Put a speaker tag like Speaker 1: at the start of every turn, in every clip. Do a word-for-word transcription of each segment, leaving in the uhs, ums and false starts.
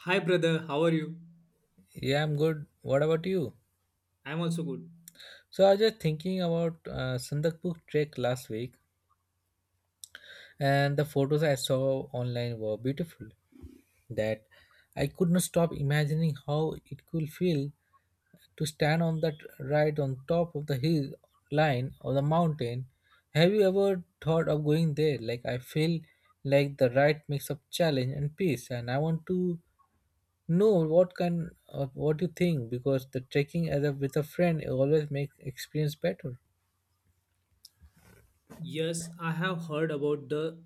Speaker 1: Hi, brother. How are you?
Speaker 2: Yeah, I'm good. What about you?
Speaker 1: I'm also good.
Speaker 2: So I was just thinking about uh, Sandakpur trek last week, and the photos I saw online were beautiful. That I could not stop imagining how it could feel to stand on that right on top of the hill line or the mountain. Have you ever thought of going there? Like I feel like the ride makes up challenge and peace, and I want to no, what can uh, what do you think? Because the trekking as a with a friend always make experience better.
Speaker 1: Yes, I have heard about the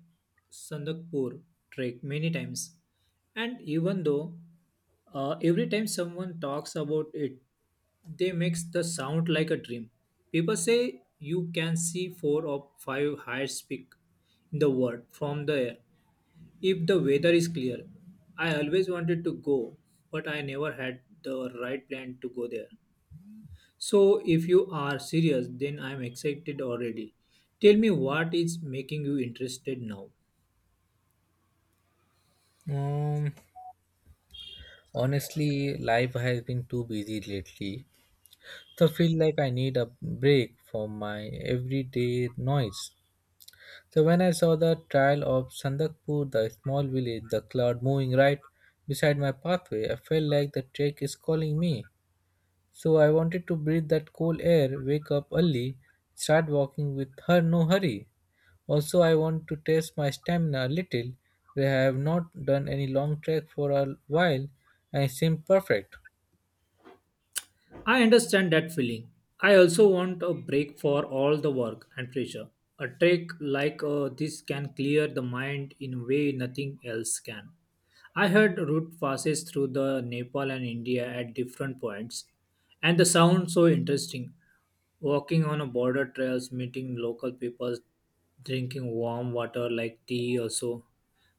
Speaker 1: Sandakpur trek many times, and even though uh, every time someone talks about it, they makes the sound like a dream. People say you can see four or five highest peak in the world from the air if the weather is clear. I always wanted to go, but I never had the right plan to go there. So, if you are serious, then I'm excited already. Tell me what is making you interested now.
Speaker 2: Um, Honestly, life has been too busy lately, so I feel like I need a break from my everyday noise. So when I saw the trail of Sandakpur, the small village, the cloud moving right beside my pathway, I felt like the trek is calling me. So I wanted to breathe that cool air, wake up early, start walking with her no hurry. Also, I want to test my stamina a little, where I have not done any long trek for a while and it seemed perfect.
Speaker 1: I understand that feeling. I also want a break for all the work and pressure. A trek like uh, this can clear the mind in a way nothing else can. I heard route passes through the Nepal and India at different points, and the sound so interesting. Walking on a border trails, meeting local people, drinking warm water like tea or so.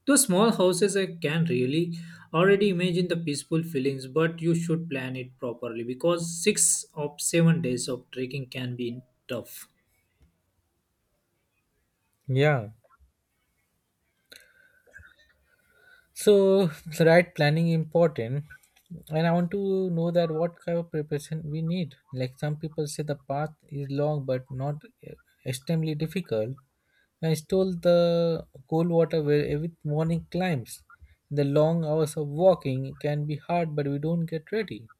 Speaker 1: Those small houses I can really already imagine the peaceful feelings, but you should plan it properly because six or seven days of trekking can be tough.
Speaker 2: Yeah. So, so right planning important. And I want to know that what kind of preparation we need. Like some people say the path is long but not eh, extremely difficult. I stole the cold water where every morning climbs. The long hours of walking can be hard, but we don't get ready.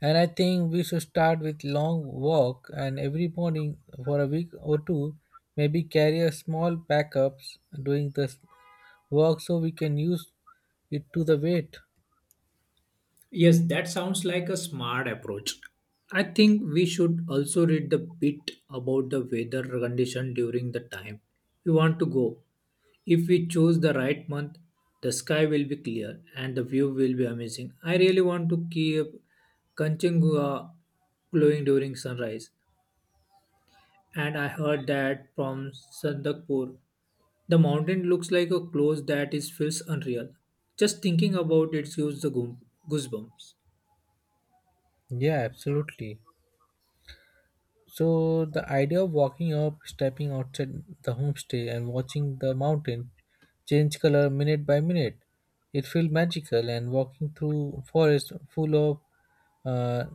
Speaker 2: And I think we should start with long walk and every morning for a week or two, maybe carry a small backups doing this work so we can use it to the weight.
Speaker 1: Yes, that sounds like a smart approach. I think we should also read the bit about the weather condition during the time we want to go. If we choose the right month, the sky will be clear and the view will be amazing. I really want to keep Kanchenjunga glowing during sunrise. And I heard that from Sandakpur, the mountain looks like a clothes that is feels unreal. Just thinking about it gives the goom- goosebumps.
Speaker 2: Yeah, absolutely. So the idea of walking up, stepping outside the homestay and watching the mountain change color minute by minute, it feels magical and walking through forest full of uh,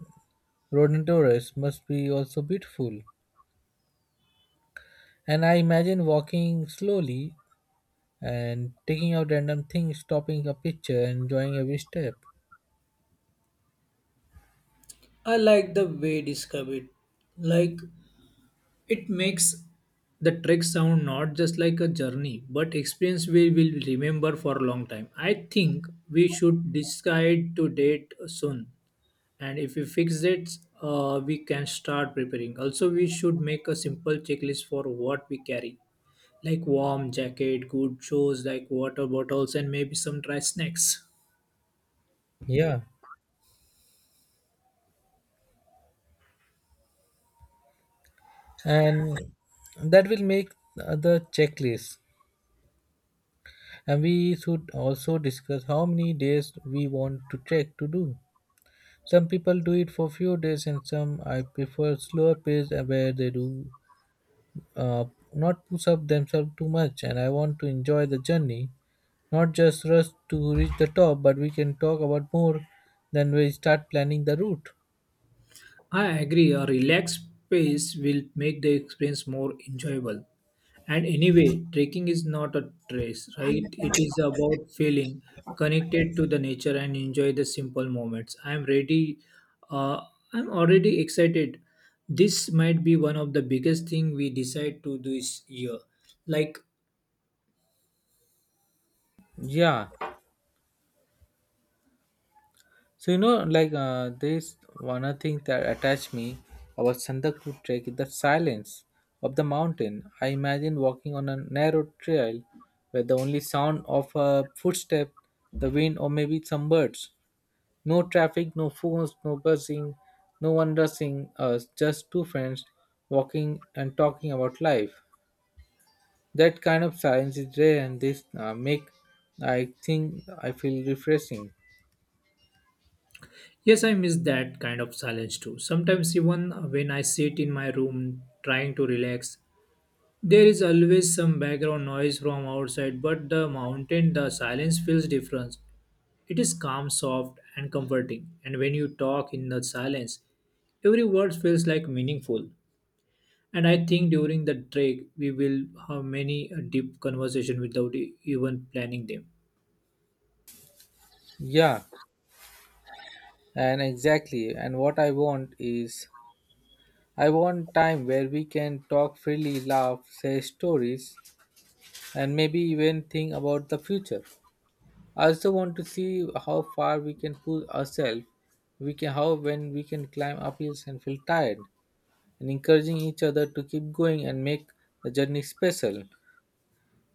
Speaker 2: rhododendrons must be also beautiful. And I imagine walking slowly and taking out random things, stopping a picture, enjoying every step.
Speaker 1: I like the way you describe it. Like it makes the trek sound not just like a journey, but experience we will remember for a long time. I think we should decide to date soon, and if we fix it, uh, we can start preparing. Also, we should make a simple checklist for what we carry, like warm jacket, good shoes, like water bottles, and maybe some dry snacks.
Speaker 2: Yeah, and that will make uh, the checklist. And we should also discuss how many days we want to trek to do. Some people do it for few days, and some I prefer slower pace uh, where they do uh, not push up themselves too much. And I want to enjoy the journey, not just rush to reach the top, but we can talk about more than we start planning the route.
Speaker 1: I agree. A relaxed pace will make the experience more enjoyable. And anyway, trekking is not a trace, right? It is about feeling connected to the nature and enjoy the simple moments. I am ready. Uh, I'm already excited. This might be one of the biggest thing we decide to do this year. Like,
Speaker 2: Yeah. So you know, like uh, there's one other thing that attached me about Sandaku trek is the silence of the mountain. I imagine walking on a narrow trail where the only sound of a footstep, the wind, or maybe some birds. No traffic, no phones, no buzzing, no one rushing us. Just two friends walking and talking about life. That kind of science is rare, and this uh, make I think I feel refreshing.
Speaker 1: yes, I miss that kind of silence too. Sometimes even when I sit in my room trying to relax, there is always some background noise from outside. But the mountain, the silence feels different. It is calm, soft, and comforting, and when you talk in the silence, every word feels like meaningful. And I think during the trek, we will have many uh, deep conversation without e- even planning them.
Speaker 2: Yeah, and exactly. And what I want is I want time where we can talk freely, laugh, share stories, and maybe even think about the future. I also want to see how far we can push ourselves. We can how when we can climb up hills and feel tired, and encouraging each other to keep going and make the journey special.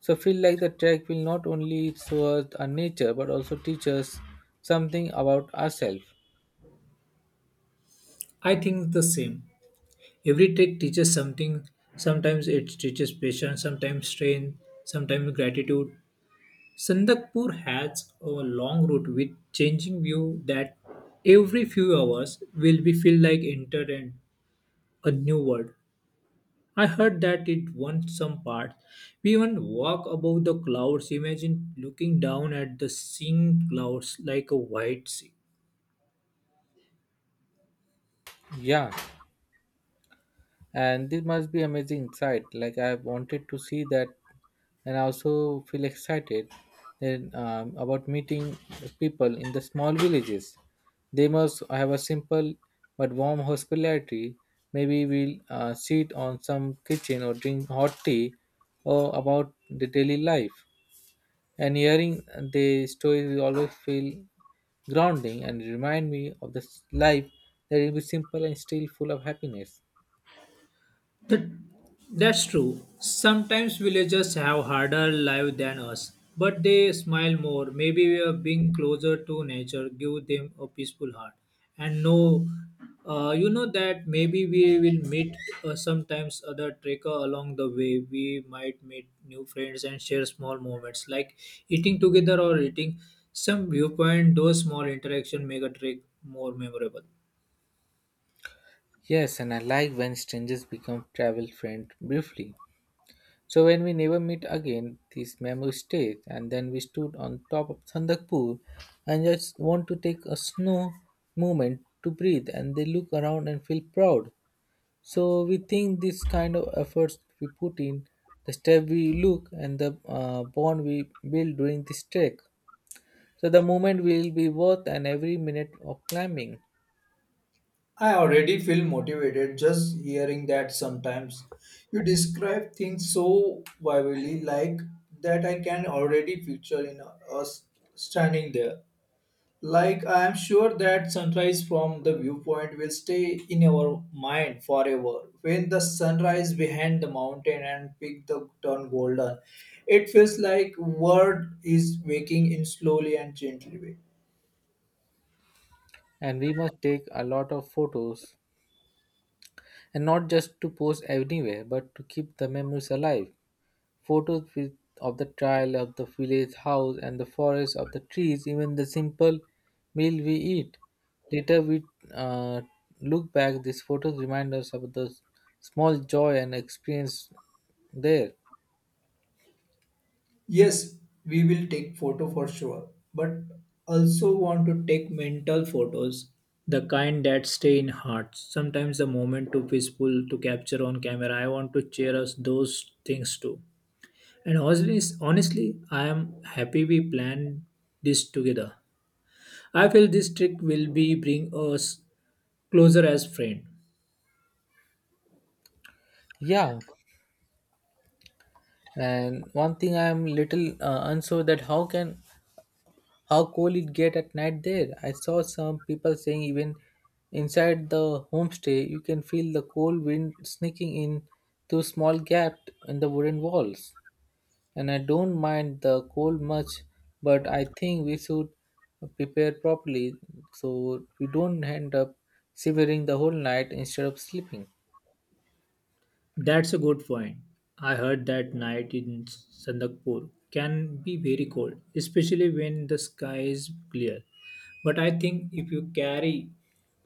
Speaker 2: So feel like the trek will not only show us our nature but also teach us something about ourselves.
Speaker 1: I think the same. Every trek teaches something. Sometimes it teaches patience, sometimes strength, sometimes gratitude. Sandakpur has a long route with changing view that every few hours will be feel like entered in a new world. I heard that it won some parts. We even walk above the clouds. Imagine looking down at the seeing clouds like a white sea.
Speaker 2: Yeah, and this must be amazing sight. Like I have wanted to see that, and I also feel excited and, um, about meeting people in the small villages. They must have a simple but warm hospitality. Maybe we'll uh, sit on some kitchen or drink hot tea or about the daily life. And hearing the stories always feel grounding and remind me of this life that it is simple and still full of happiness.
Speaker 1: That's true. Sometimes villagers have harder life than us, but they smile more. Maybe we are being closer to nature, give them a peaceful heart, and know, uh, you know that maybe we will meet uh, sometimes other trekker along the way. We might meet new friends and share small moments like eating together or eating some viewpoint. Those small interaction make a trek more memorable.
Speaker 2: Yes, and I like when strangers become travel friends briefly. So when we never meet again, these memories stay. And then we stood on top of Sandakpur and just want to take a snow moment to breathe. And they look around and feel proud. So we think this kind of efforts we put in, the step we look and the uh, bond we build during this trek. So the moment will be worth and every minute of climbing.
Speaker 1: I already feel motivated just hearing that sometimes. You describe things so vividly like that I can already picture in us standing there. Like I am sure that sunrise from the viewpoint will stay in our mind forever. When the sunrise behind the mountain and peak the turn golden, it feels like world is waking in slowly and gently way.
Speaker 2: And we must take a lot of photos and not just to post anywhere but to keep the memories alive. Photos with, of the trail, of the village house and the forest, of the trees, even the simple meal we eat. Later we uh, look back, these photos remind us of the small joy and experience there.
Speaker 1: Yes, we will take photo for sure, but also want to take mental photos, the kind that stay in hearts. Sometimes the moment too peaceful to capture on camera. I want to share us those things too. And honestly, honestly, I am happy we planned this together. I feel this trip will be bring us closer as friend.
Speaker 2: Yeah, and one thing I am little uh, unsure that how can how cold it get at night there. I saw some people saying even inside the homestay you can feel the cold wind sneaking in through small gap in the wooden walls. And I don't mind the cold much, but I think we should prepare properly so we don't end up shivering the whole night instead of sleeping.
Speaker 1: That's a good point. I heard that night in Sandakpur can be very cold, especially when the sky is clear. But I think if you carry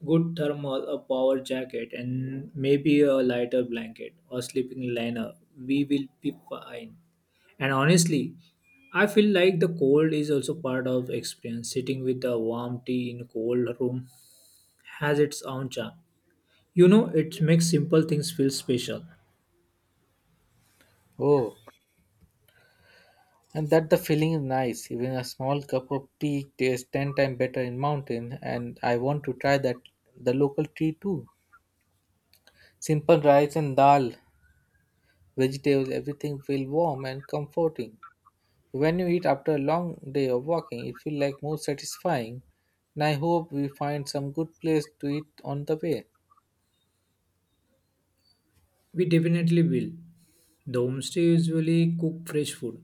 Speaker 1: good thermal, a power jacket, and maybe a lighter blanket or sleeping liner, we will be fine. And honestly, I feel like the cold is also part of experience. Sitting with a warm tea in a cold room has its own charm. You know, it makes simple things feel special.
Speaker 2: Oh, and that the feeling is nice. Even a small cup of tea tastes ten times better in mountain, and I want to try that the local tea too. Simple rice and dal, vegetables, everything feel warm and comforting. When you eat after a long day of walking, it feels like more satisfying. And I hope we find some good place to eat on the way.
Speaker 1: We definitely will. The homestay usually cook fresh food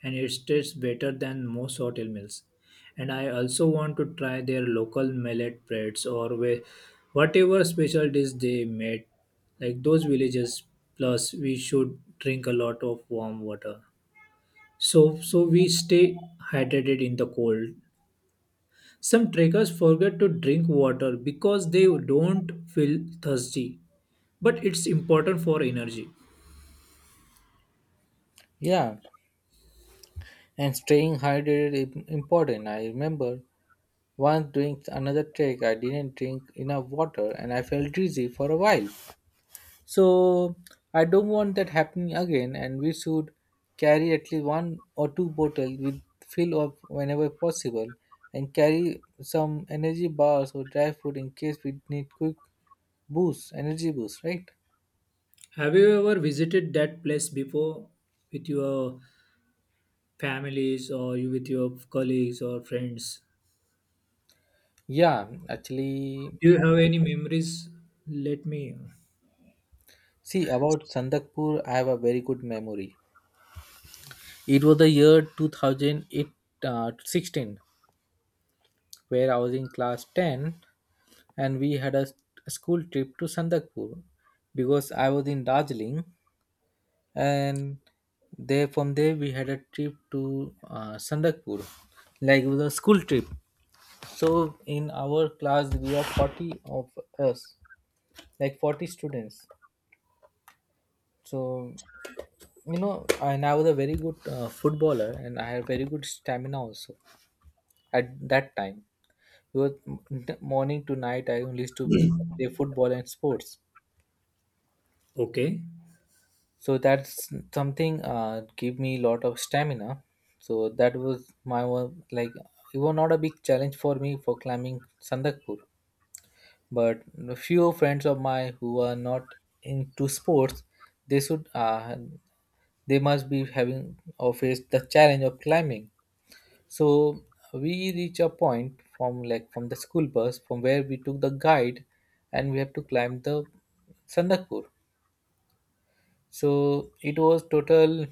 Speaker 1: and it tastes better than most hotel meals. And I also want to try their local millet breads or wha- whatever special dish they made, like those villages. Plus, we should drink a lot of warm water. So, so we stay hydrated in the cold. Some trekkers forget to drink water because they don't feel thirsty, but it's important for energy.
Speaker 2: Yeah, and staying hydrated is important. I remember once doing another trek, I didn't drink enough water and I felt dizzy for a while. So I don't want that happening again, and we should carry at least one or two bottles with fill up whenever possible, and carry some energy bars or dry food in case we need quick boost, energy boost, right?
Speaker 1: Have you ever visited that place before with your families or you with your colleagues or friends?
Speaker 2: Yeah, actually,
Speaker 1: Do you have any memories? Let me.
Speaker 2: see about Sandakpur, I have a very good memory. It was the year two thousand eight, uh, sixteen, where I was in class ten, and we had a, s- a school trip to Sandakpur because I was in Darjeeling, and there from there we had a trip to uh, Sandakpur, like it was a school trip. So in our class, we are forty of us, like forty students. So you know, and I was a very good uh, footballer, and I had very good stamina also at that time because m- morning to night I only used to play football and sports,
Speaker 1: Okay,
Speaker 2: so that's something uh, gave me a lot of stamina. So that was my one, like, it was not a big challenge for me for climbing Sandakpur, but a few friends of mine who are not into sports, they should uh, they must be having or face the challenge of climbing. So we reach a point from like from the school bus from where we took the guide, and we have to climb the Sandakpur. So it was total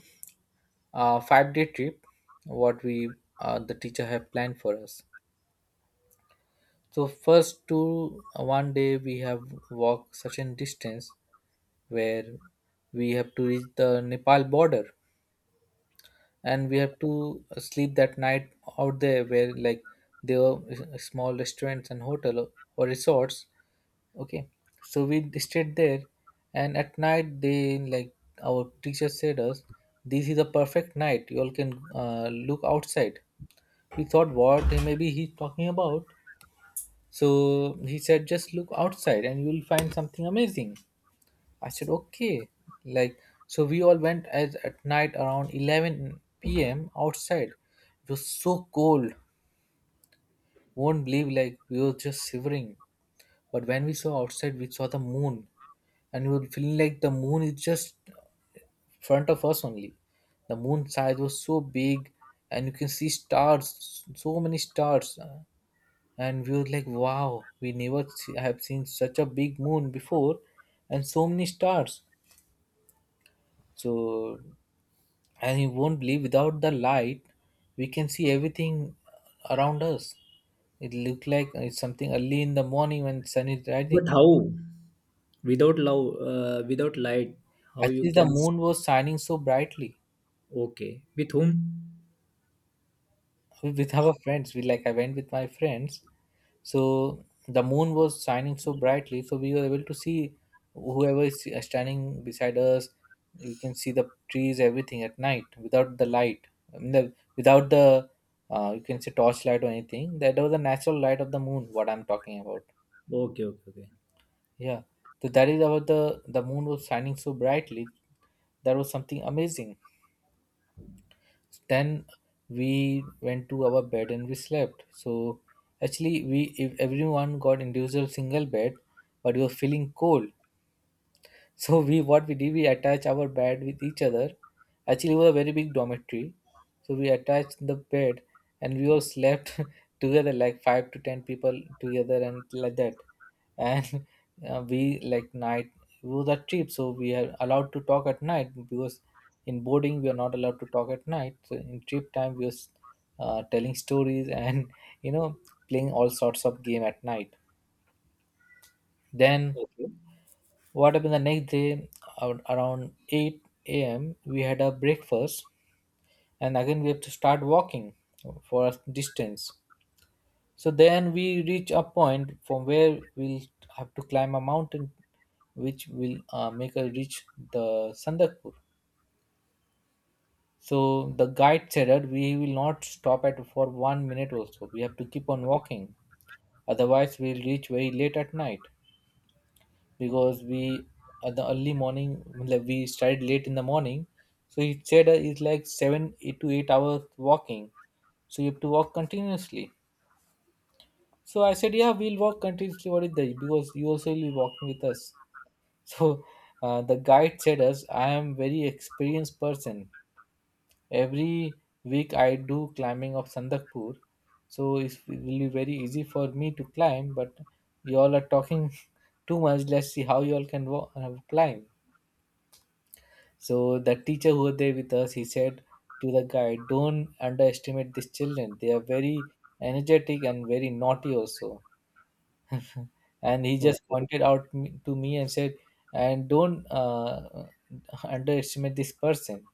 Speaker 2: uh, five day trip what we uh, the teacher have planned for us. So first two uh, one day we have walked such a distance where we have to reach the Nepal border, and we have to sleep that night out there where, like, there were s- small restaurants and hotel or or resorts, okay. So we stayed there, and at night they like our teacher said us this is a perfect night, you all can uh, look outside. We thought what maybe he's talking about. So he said just look outside and you'll find something amazing. I said, okay. Like, so we all went as at night around eleven p m outside. It was so cold. Won't believe, like, we were just shivering. But when we saw outside, we saw the moon. And we were feeling like the moon is just front of us only. The moon size was so big. And you can see stars, so many stars. And we were like, wow, we never see, have seen such a big moon before. And so many stars. So, and you won't believe without the light we can see everything around us. It looked like it's something early in the morning when sun is rising.
Speaker 1: but how? Without love, uh, without light, how you
Speaker 2: Actually, the
Speaker 1: can?
Speaker 2: moon was shining so brightly.
Speaker 1: Okay, with whom?
Speaker 2: With our friends, we like I went with my friends, so the moon was shining so brightly, so we were able to see whoever is standing beside us. We can see the trees everything at night without the light. I mean, the, without the uh, you can say torchlight or anything. That was the natural light of the moon what I'm talking about.
Speaker 1: Okay, okay, okay,
Speaker 2: Yeah, so that is about the the moon was shining so brightly. That was something amazing. Then we went to our bed and we slept. So actually we, if everyone got individual single bed, but we were feeling cold, so we what we did we attach our bed with each other. Actually, it was a very big dormitory, so we attached the bed and we all slept together like five to ten people together and like that. And uh, we like night, it was a trip, so we are allowed to talk at night because in boarding we are not allowed to talk at night. So in trip time we was uh, telling stories and you know playing all sorts of game at night. Then
Speaker 1: okay,
Speaker 2: what happened the next day, ar- around eight a m we had a breakfast, and again we have to start walking for a distance. So then we reach a point from where we'll have to climb a mountain which will uh, make us reach the Sandakpur. So the guide said that we will not stop at for one minute also. We have to keep on walking. Otherwise we'll reach very late at night, because we, at the early morning, like we started late in the morning, so he said uh, it's like seven eight to eight hours walking, so you have to walk continuously. So I said, yeah, we'll walk continuously, what is that, because you also will be walking with us. So uh, the guide said us, I am very experienced person, every week I do climbing of Sandakpur, so it's- it will be very easy for me to climb, but you all are talking too much. Let's see how you all can walk, uh, climb. So the teacher who was there with us, he said to the guide, "Don't underestimate these children. They are very energetic and very naughty also." And he just
Speaker 1: okay.
Speaker 2: pointed out me- to me and said, "And don't uh, underestimate this person.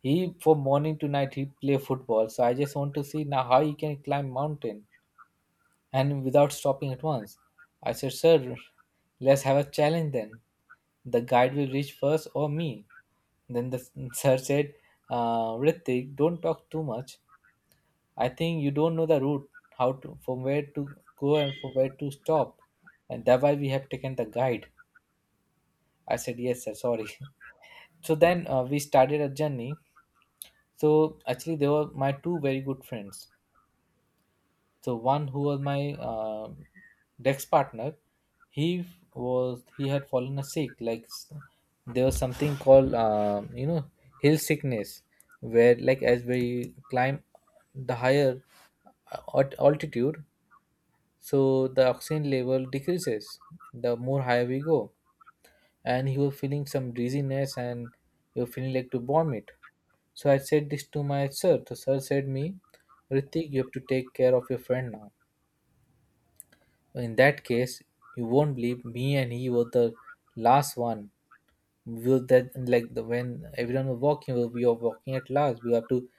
Speaker 2: He from morning to night he play football. So I just want to see now how he can climb mountain and without stopping at once." I said, "Sir, let's have a challenge then. The guide will reach first or me." Then the sir said, uh, Ritik, don't talk too much. I think you don't know the route, how to, from where to go and from where to stop. And that why we have taken the guide. I said, yes, sir, sorry. So then uh, we started a journey. So actually, they were my two very good friends. So one who was my uh, Dex partner, he was he had fallen a sick. Like s- there was something called uh, you know hill sickness, where like as we climb the higher at altitude, so the oxygen level decreases the more higher we go, and he was feeling some dizziness and he was feeling like to vomit. So I said this to my sir. The sir said me, Ritik, you have to take care of your friend now, in that case, you won't believe me and he were the last one. We were that like the, when everyone was walking, we were walking at last. We have to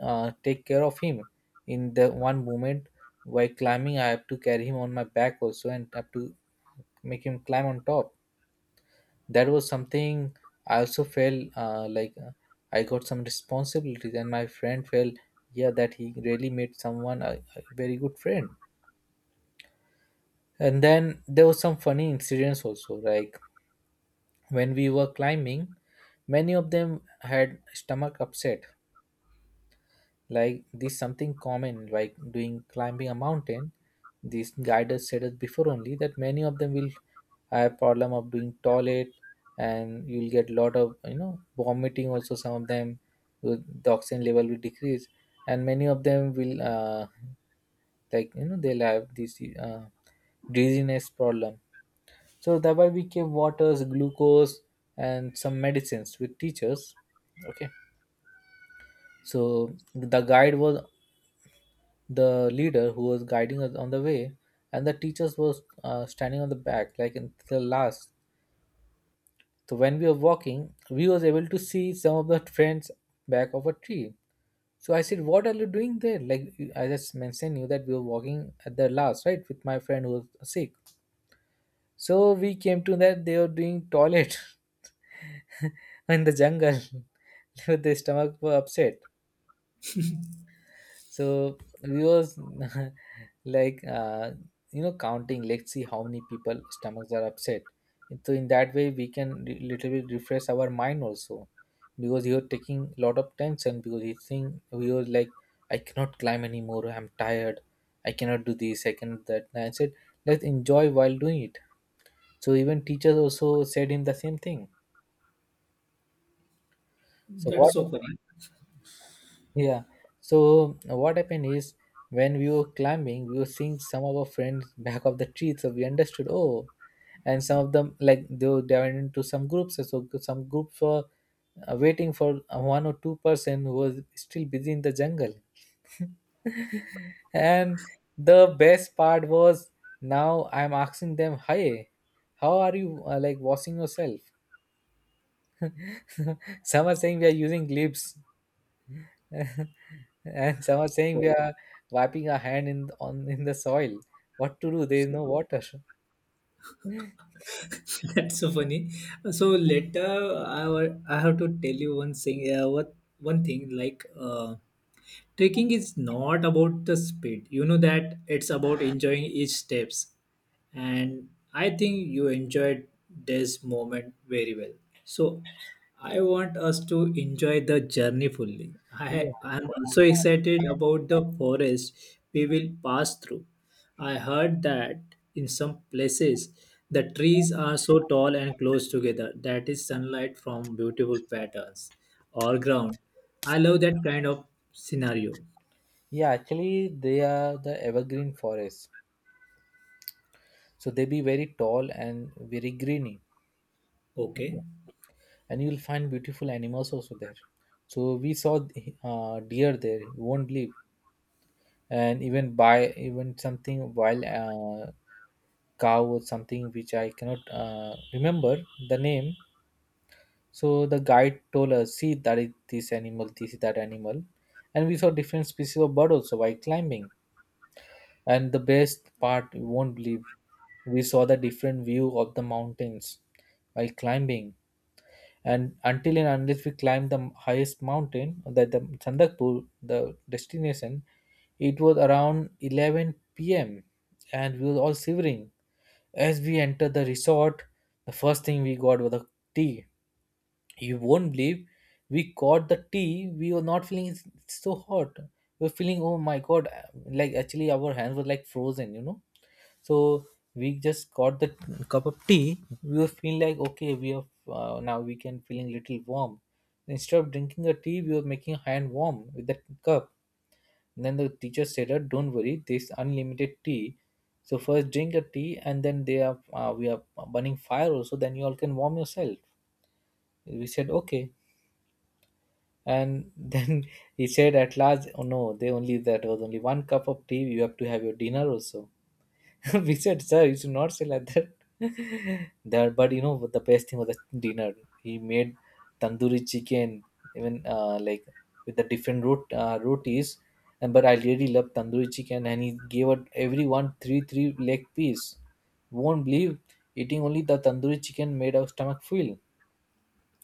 Speaker 2: uh, take care of him. In the one moment while climbing, I have to carry him on my back also and have to make him climb on top. That was something I also felt uh, like uh, I got some responsibilities, and my friend felt, yeah, that he really made someone a, a very good friend. And then there was some funny incidents also, like when we were climbing, many of them had stomach upset. Like this something common, like doing climbing a mountain. These guiders said us before only that many of them will have problem of doing toilet, and you'll get lot of you know vomiting. Also, some of them will- the oxygen level will decrease, and many of them will, uh, like you know they'll have this uh, dizziness problem. So thereby we gave waters, glucose, and some medicines with teachers. Okay. So the guide was the leader who was guiding us on the way, and the teachers was uh, standing on the back, like in the last. So when we were walking, we was able to see some of the friends back of a tree. So I said, "What are you doing there?" Like I just mentioned you that we were walking at the last, right, with my friend who was sick. So we came to that they were doing toilet in the jungle with their stomach were upset. So we was like uh, you know counting. Let's see how many people stomachs are upset. So in that way we can re- little bit refresh our mind also, because you are taking a lot of tension, because you think we was like, I cannot climb anymore. I'm tired. I cannot do this. I cannot that. And I said, let's enjoy while doing it. So even teachers also said him the same thing. So
Speaker 1: That's
Speaker 2: what—
Speaker 1: so funny.
Speaker 2: yeah, so what happened is, when we were climbing we were seeing some of our friends back of the tree, so we understood, oh. And some of them, like they were they went into some groups, so some groups were uh, waiting for uh, one or two person who was still busy in the jungle. And the best part was, now I'm asking them, hi, how are you uh, like washing yourself? Some are saying, we are using lips. And some are saying, we
Speaker 1: Oh,
Speaker 2: are wiping our hand in on in the soil. What to do, there is no
Speaker 1: so-
Speaker 2: water.
Speaker 1: That's so funny. So later, I wa- I have to tell you one thing. Uh, what one thing like. Uh, Trekking is not about the speed. You know that it's about enjoying each steps. And I think you enjoyed this moment very well. So I want us to enjoy the journey fully.
Speaker 2: Yeah,
Speaker 1: I am also excited about the forest we will pass through. I heard that in some places the trees are so tall and close together that is sunlight from beautiful patterns or ground. I love that kind of scenario.
Speaker 2: yeah, actually they are the evergreen forests, so they be very tall and very greeny.
Speaker 1: Okay.
Speaker 2: Okay. And you'll find beautiful animals also there. So we saw uh, deer there, you won't believe. And even by even something wild, uh, cow or something which I cannot uh, remember the name. So the guide told us, see that is this animal, this is that animal. And we saw different species of bird also while climbing. And the best part, you won't believe, we saw the different view of the mountains while climbing. And until and unless we climb the highest mountain, that the Chandakpur, the destination, it was around eleven p m and we were all shivering. As we entered the resort, the first thing we got was a tea. You won't believe, we got the tea, we were not feeling it's it's so hot. We were feeling, oh my god, like actually our hands were like frozen you know So we just got the cup of tea, we were feeling like, okay, we are uh, now we can feeling little warm. Instead of drinking a tea we were making hand warm with the cup. Then the teacher said, "Uh, don't worry, this unlimited tea, so first drink a tea, and then they are uh, we are burning fire also, then you all can warm yourself." We said, okay. And then he said at last, oh no, they only that was only one cup of tea. You have to have your dinner also. We said, sir, you should not say like that. that, but you know what the best thing was, the dinner. He made tandoori chicken, even uh, like with the different rot- uh, rotis. And but I really love tandoori chicken, and he gave out everyone three three leg piece. Won't believe, eating only the tandoori chicken made our stomach full.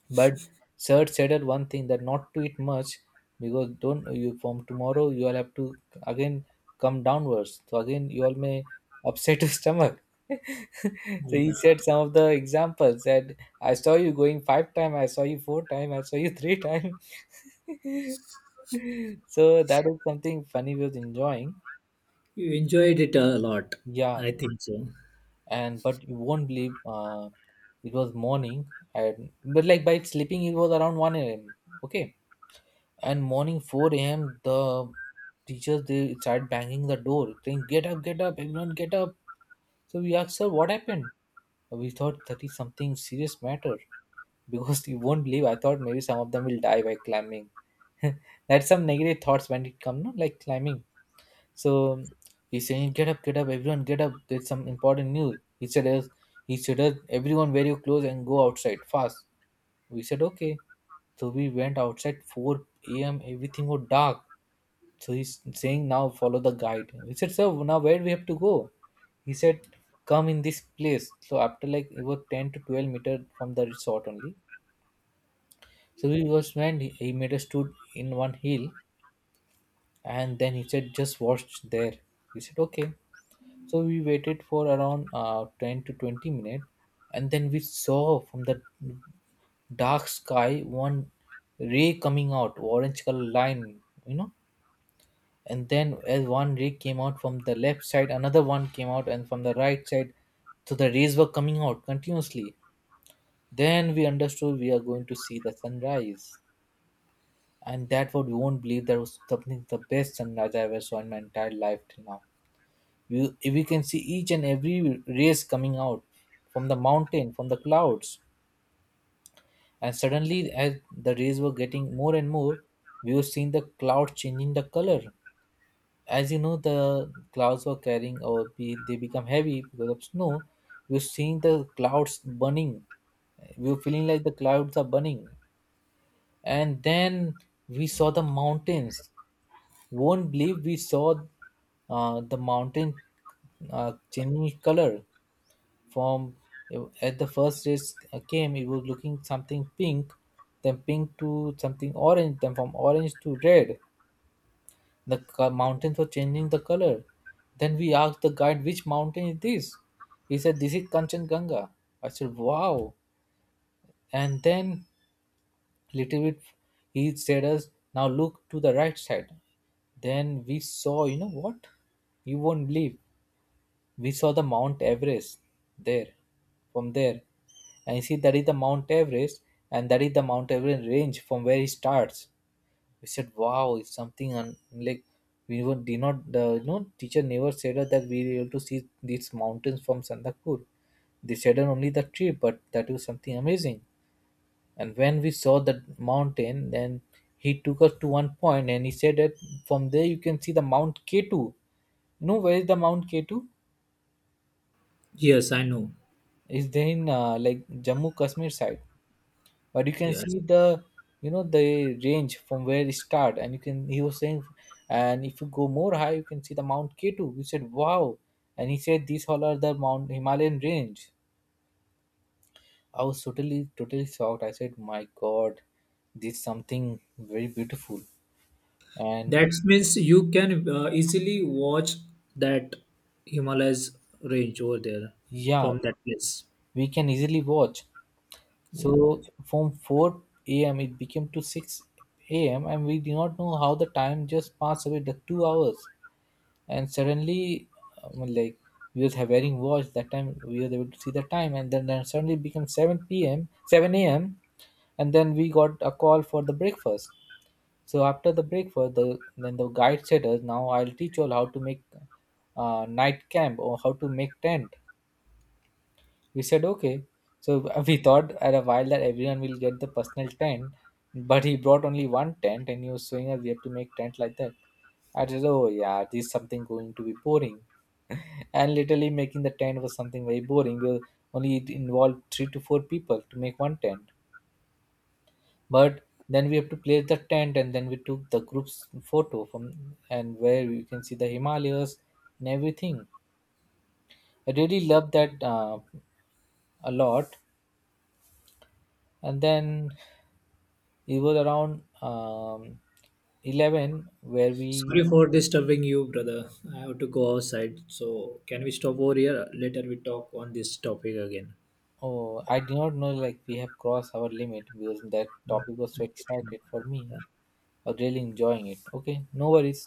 Speaker 2: But sir said one thing, that not to eat much, because don't you from tomorrow you all have to again come downwards. So again you all may upset your stomach. So he said some of the examples that, I saw you going five time, I saw you four time, I saw you three time. So that is something funny we was enjoying.
Speaker 1: You enjoyed it a lot.
Speaker 2: Yeah,
Speaker 1: I think so.
Speaker 2: and but you won't believe uh, it was morning and but like by sleeping it was around one a m. Okay. And morning four a.m. the teachers they start banging the door saying, get up, get up, everyone get up. So we asked sir what happened, we thought that is something serious matter. Because you won't believe, I thought maybe some of them will die by climbing. That's some negative thoughts when it come, no, like climbing. So he's saying, get up, get up, everyone get up, there's some important news. he said us. He said us, everyone wear your clothes and go outside fast. We said, okay. So we went outside, four a.m. everything was dark, so he's saying, now follow the guide. We said, sir, now where we have to go? He said, come in this place. So after, like it was ten to twelve meter from the resort only. So we was when he, he made us stood in one hill, and then he said, just watch there. We said, okay. So we waited for around uh, ten to twenty minutes, and then we saw from the dark sky one ray coming out, orange color line, you know and then as one ray came out from the left side, another one came out and from the right side. So the rays were coming out continuously. Then we understood we are going to see the sunrise, and that what we won't believe, that was something the best sunrise I ever saw in my entire life till now. We, we can see each and every rays coming out from the mountain, from the clouds. And suddenly, as the rays were getting more and more, we were seeing the cloud changing the color. As you know, the clouds were carrying, or be, they become heavy because of snow. You're seeing the clouds burning, we were feeling like the clouds are burning. And then we saw the mountains. Won't believe we saw uh, the mountain uh, changing color from, at the first rays came, it was looking something pink, then pink to something orange, then from orange to red. The co- mountains were changing the color. Then we asked the guide, which mountain is this? He said, this is Kanchenjunga. I said, wow. And then, little bit, he said us, now look to the right side. Then we saw, you know what? You won't believe. We saw the Mount Everest there, from there. And you see, that is the Mount Everest, and that is the Mount Everest range from where it starts. We said, wow, it's something. And like we were, did not the you know teacher never said us that we were able to see these mountains from Sandakpur. They said us only the tree, but that was something amazing. And when we saw the mountain, then he took us to one point and he said that, from there you can see the Mount K two. You know where is the Mount K two?
Speaker 1: Yes, I know.
Speaker 2: Is there in uh, like Jammu Kashmir side, but you can
Speaker 1: Yes.
Speaker 2: see the, you know, the range from where it start, and you can, he was saying, and if you go more high, you can see the Mount K two. We said, wow. And he said, these all are the Mount Himalayan range. I was totally totally shocked. I said, my God, this is something very beautiful. And
Speaker 1: That means you can uh, easily watch that Himalayas range over there
Speaker 2: yeah,
Speaker 1: from that place.
Speaker 2: we can easily watch. So
Speaker 1: Yeah.
Speaker 2: from four a.m. it became to six a.m., and we do not know how the time just passed away, the two hours. And suddenly, um, like, we was having watch that time, we was able to see the time, and then, then suddenly it became seven p.m., seven a.m. And then we got a call for the breakfast. So after the breakfast, the then the guide said us, now I'll teach you all how to make uh, night camp, or how to make tent. We said, okay. So we thought at a while that everyone will get the personal tent, but he brought only one tent and he was showing us we have to make tent like that. I said, oh yeah, this is something going to be boring. And literally making the tent was something very boring. We'll Only it involved three to four people to make one tent. But then we have to place the tent, and then we took the group's photo from, and where you can see the Himalayas and everything. I really love that, uh, a lot. And then it was around um, eleven where we,
Speaker 1: Sorry for disturbing you, brother. I have to go outside. So, can we stop over here? Later, we talk on this topic again.
Speaker 2: oh, I did not know like we have crossed our limit because that topic was so
Speaker 1: Okay.
Speaker 2: excited for me.
Speaker 1: Yeah.
Speaker 2: I was really enjoying it. Okay, no worries.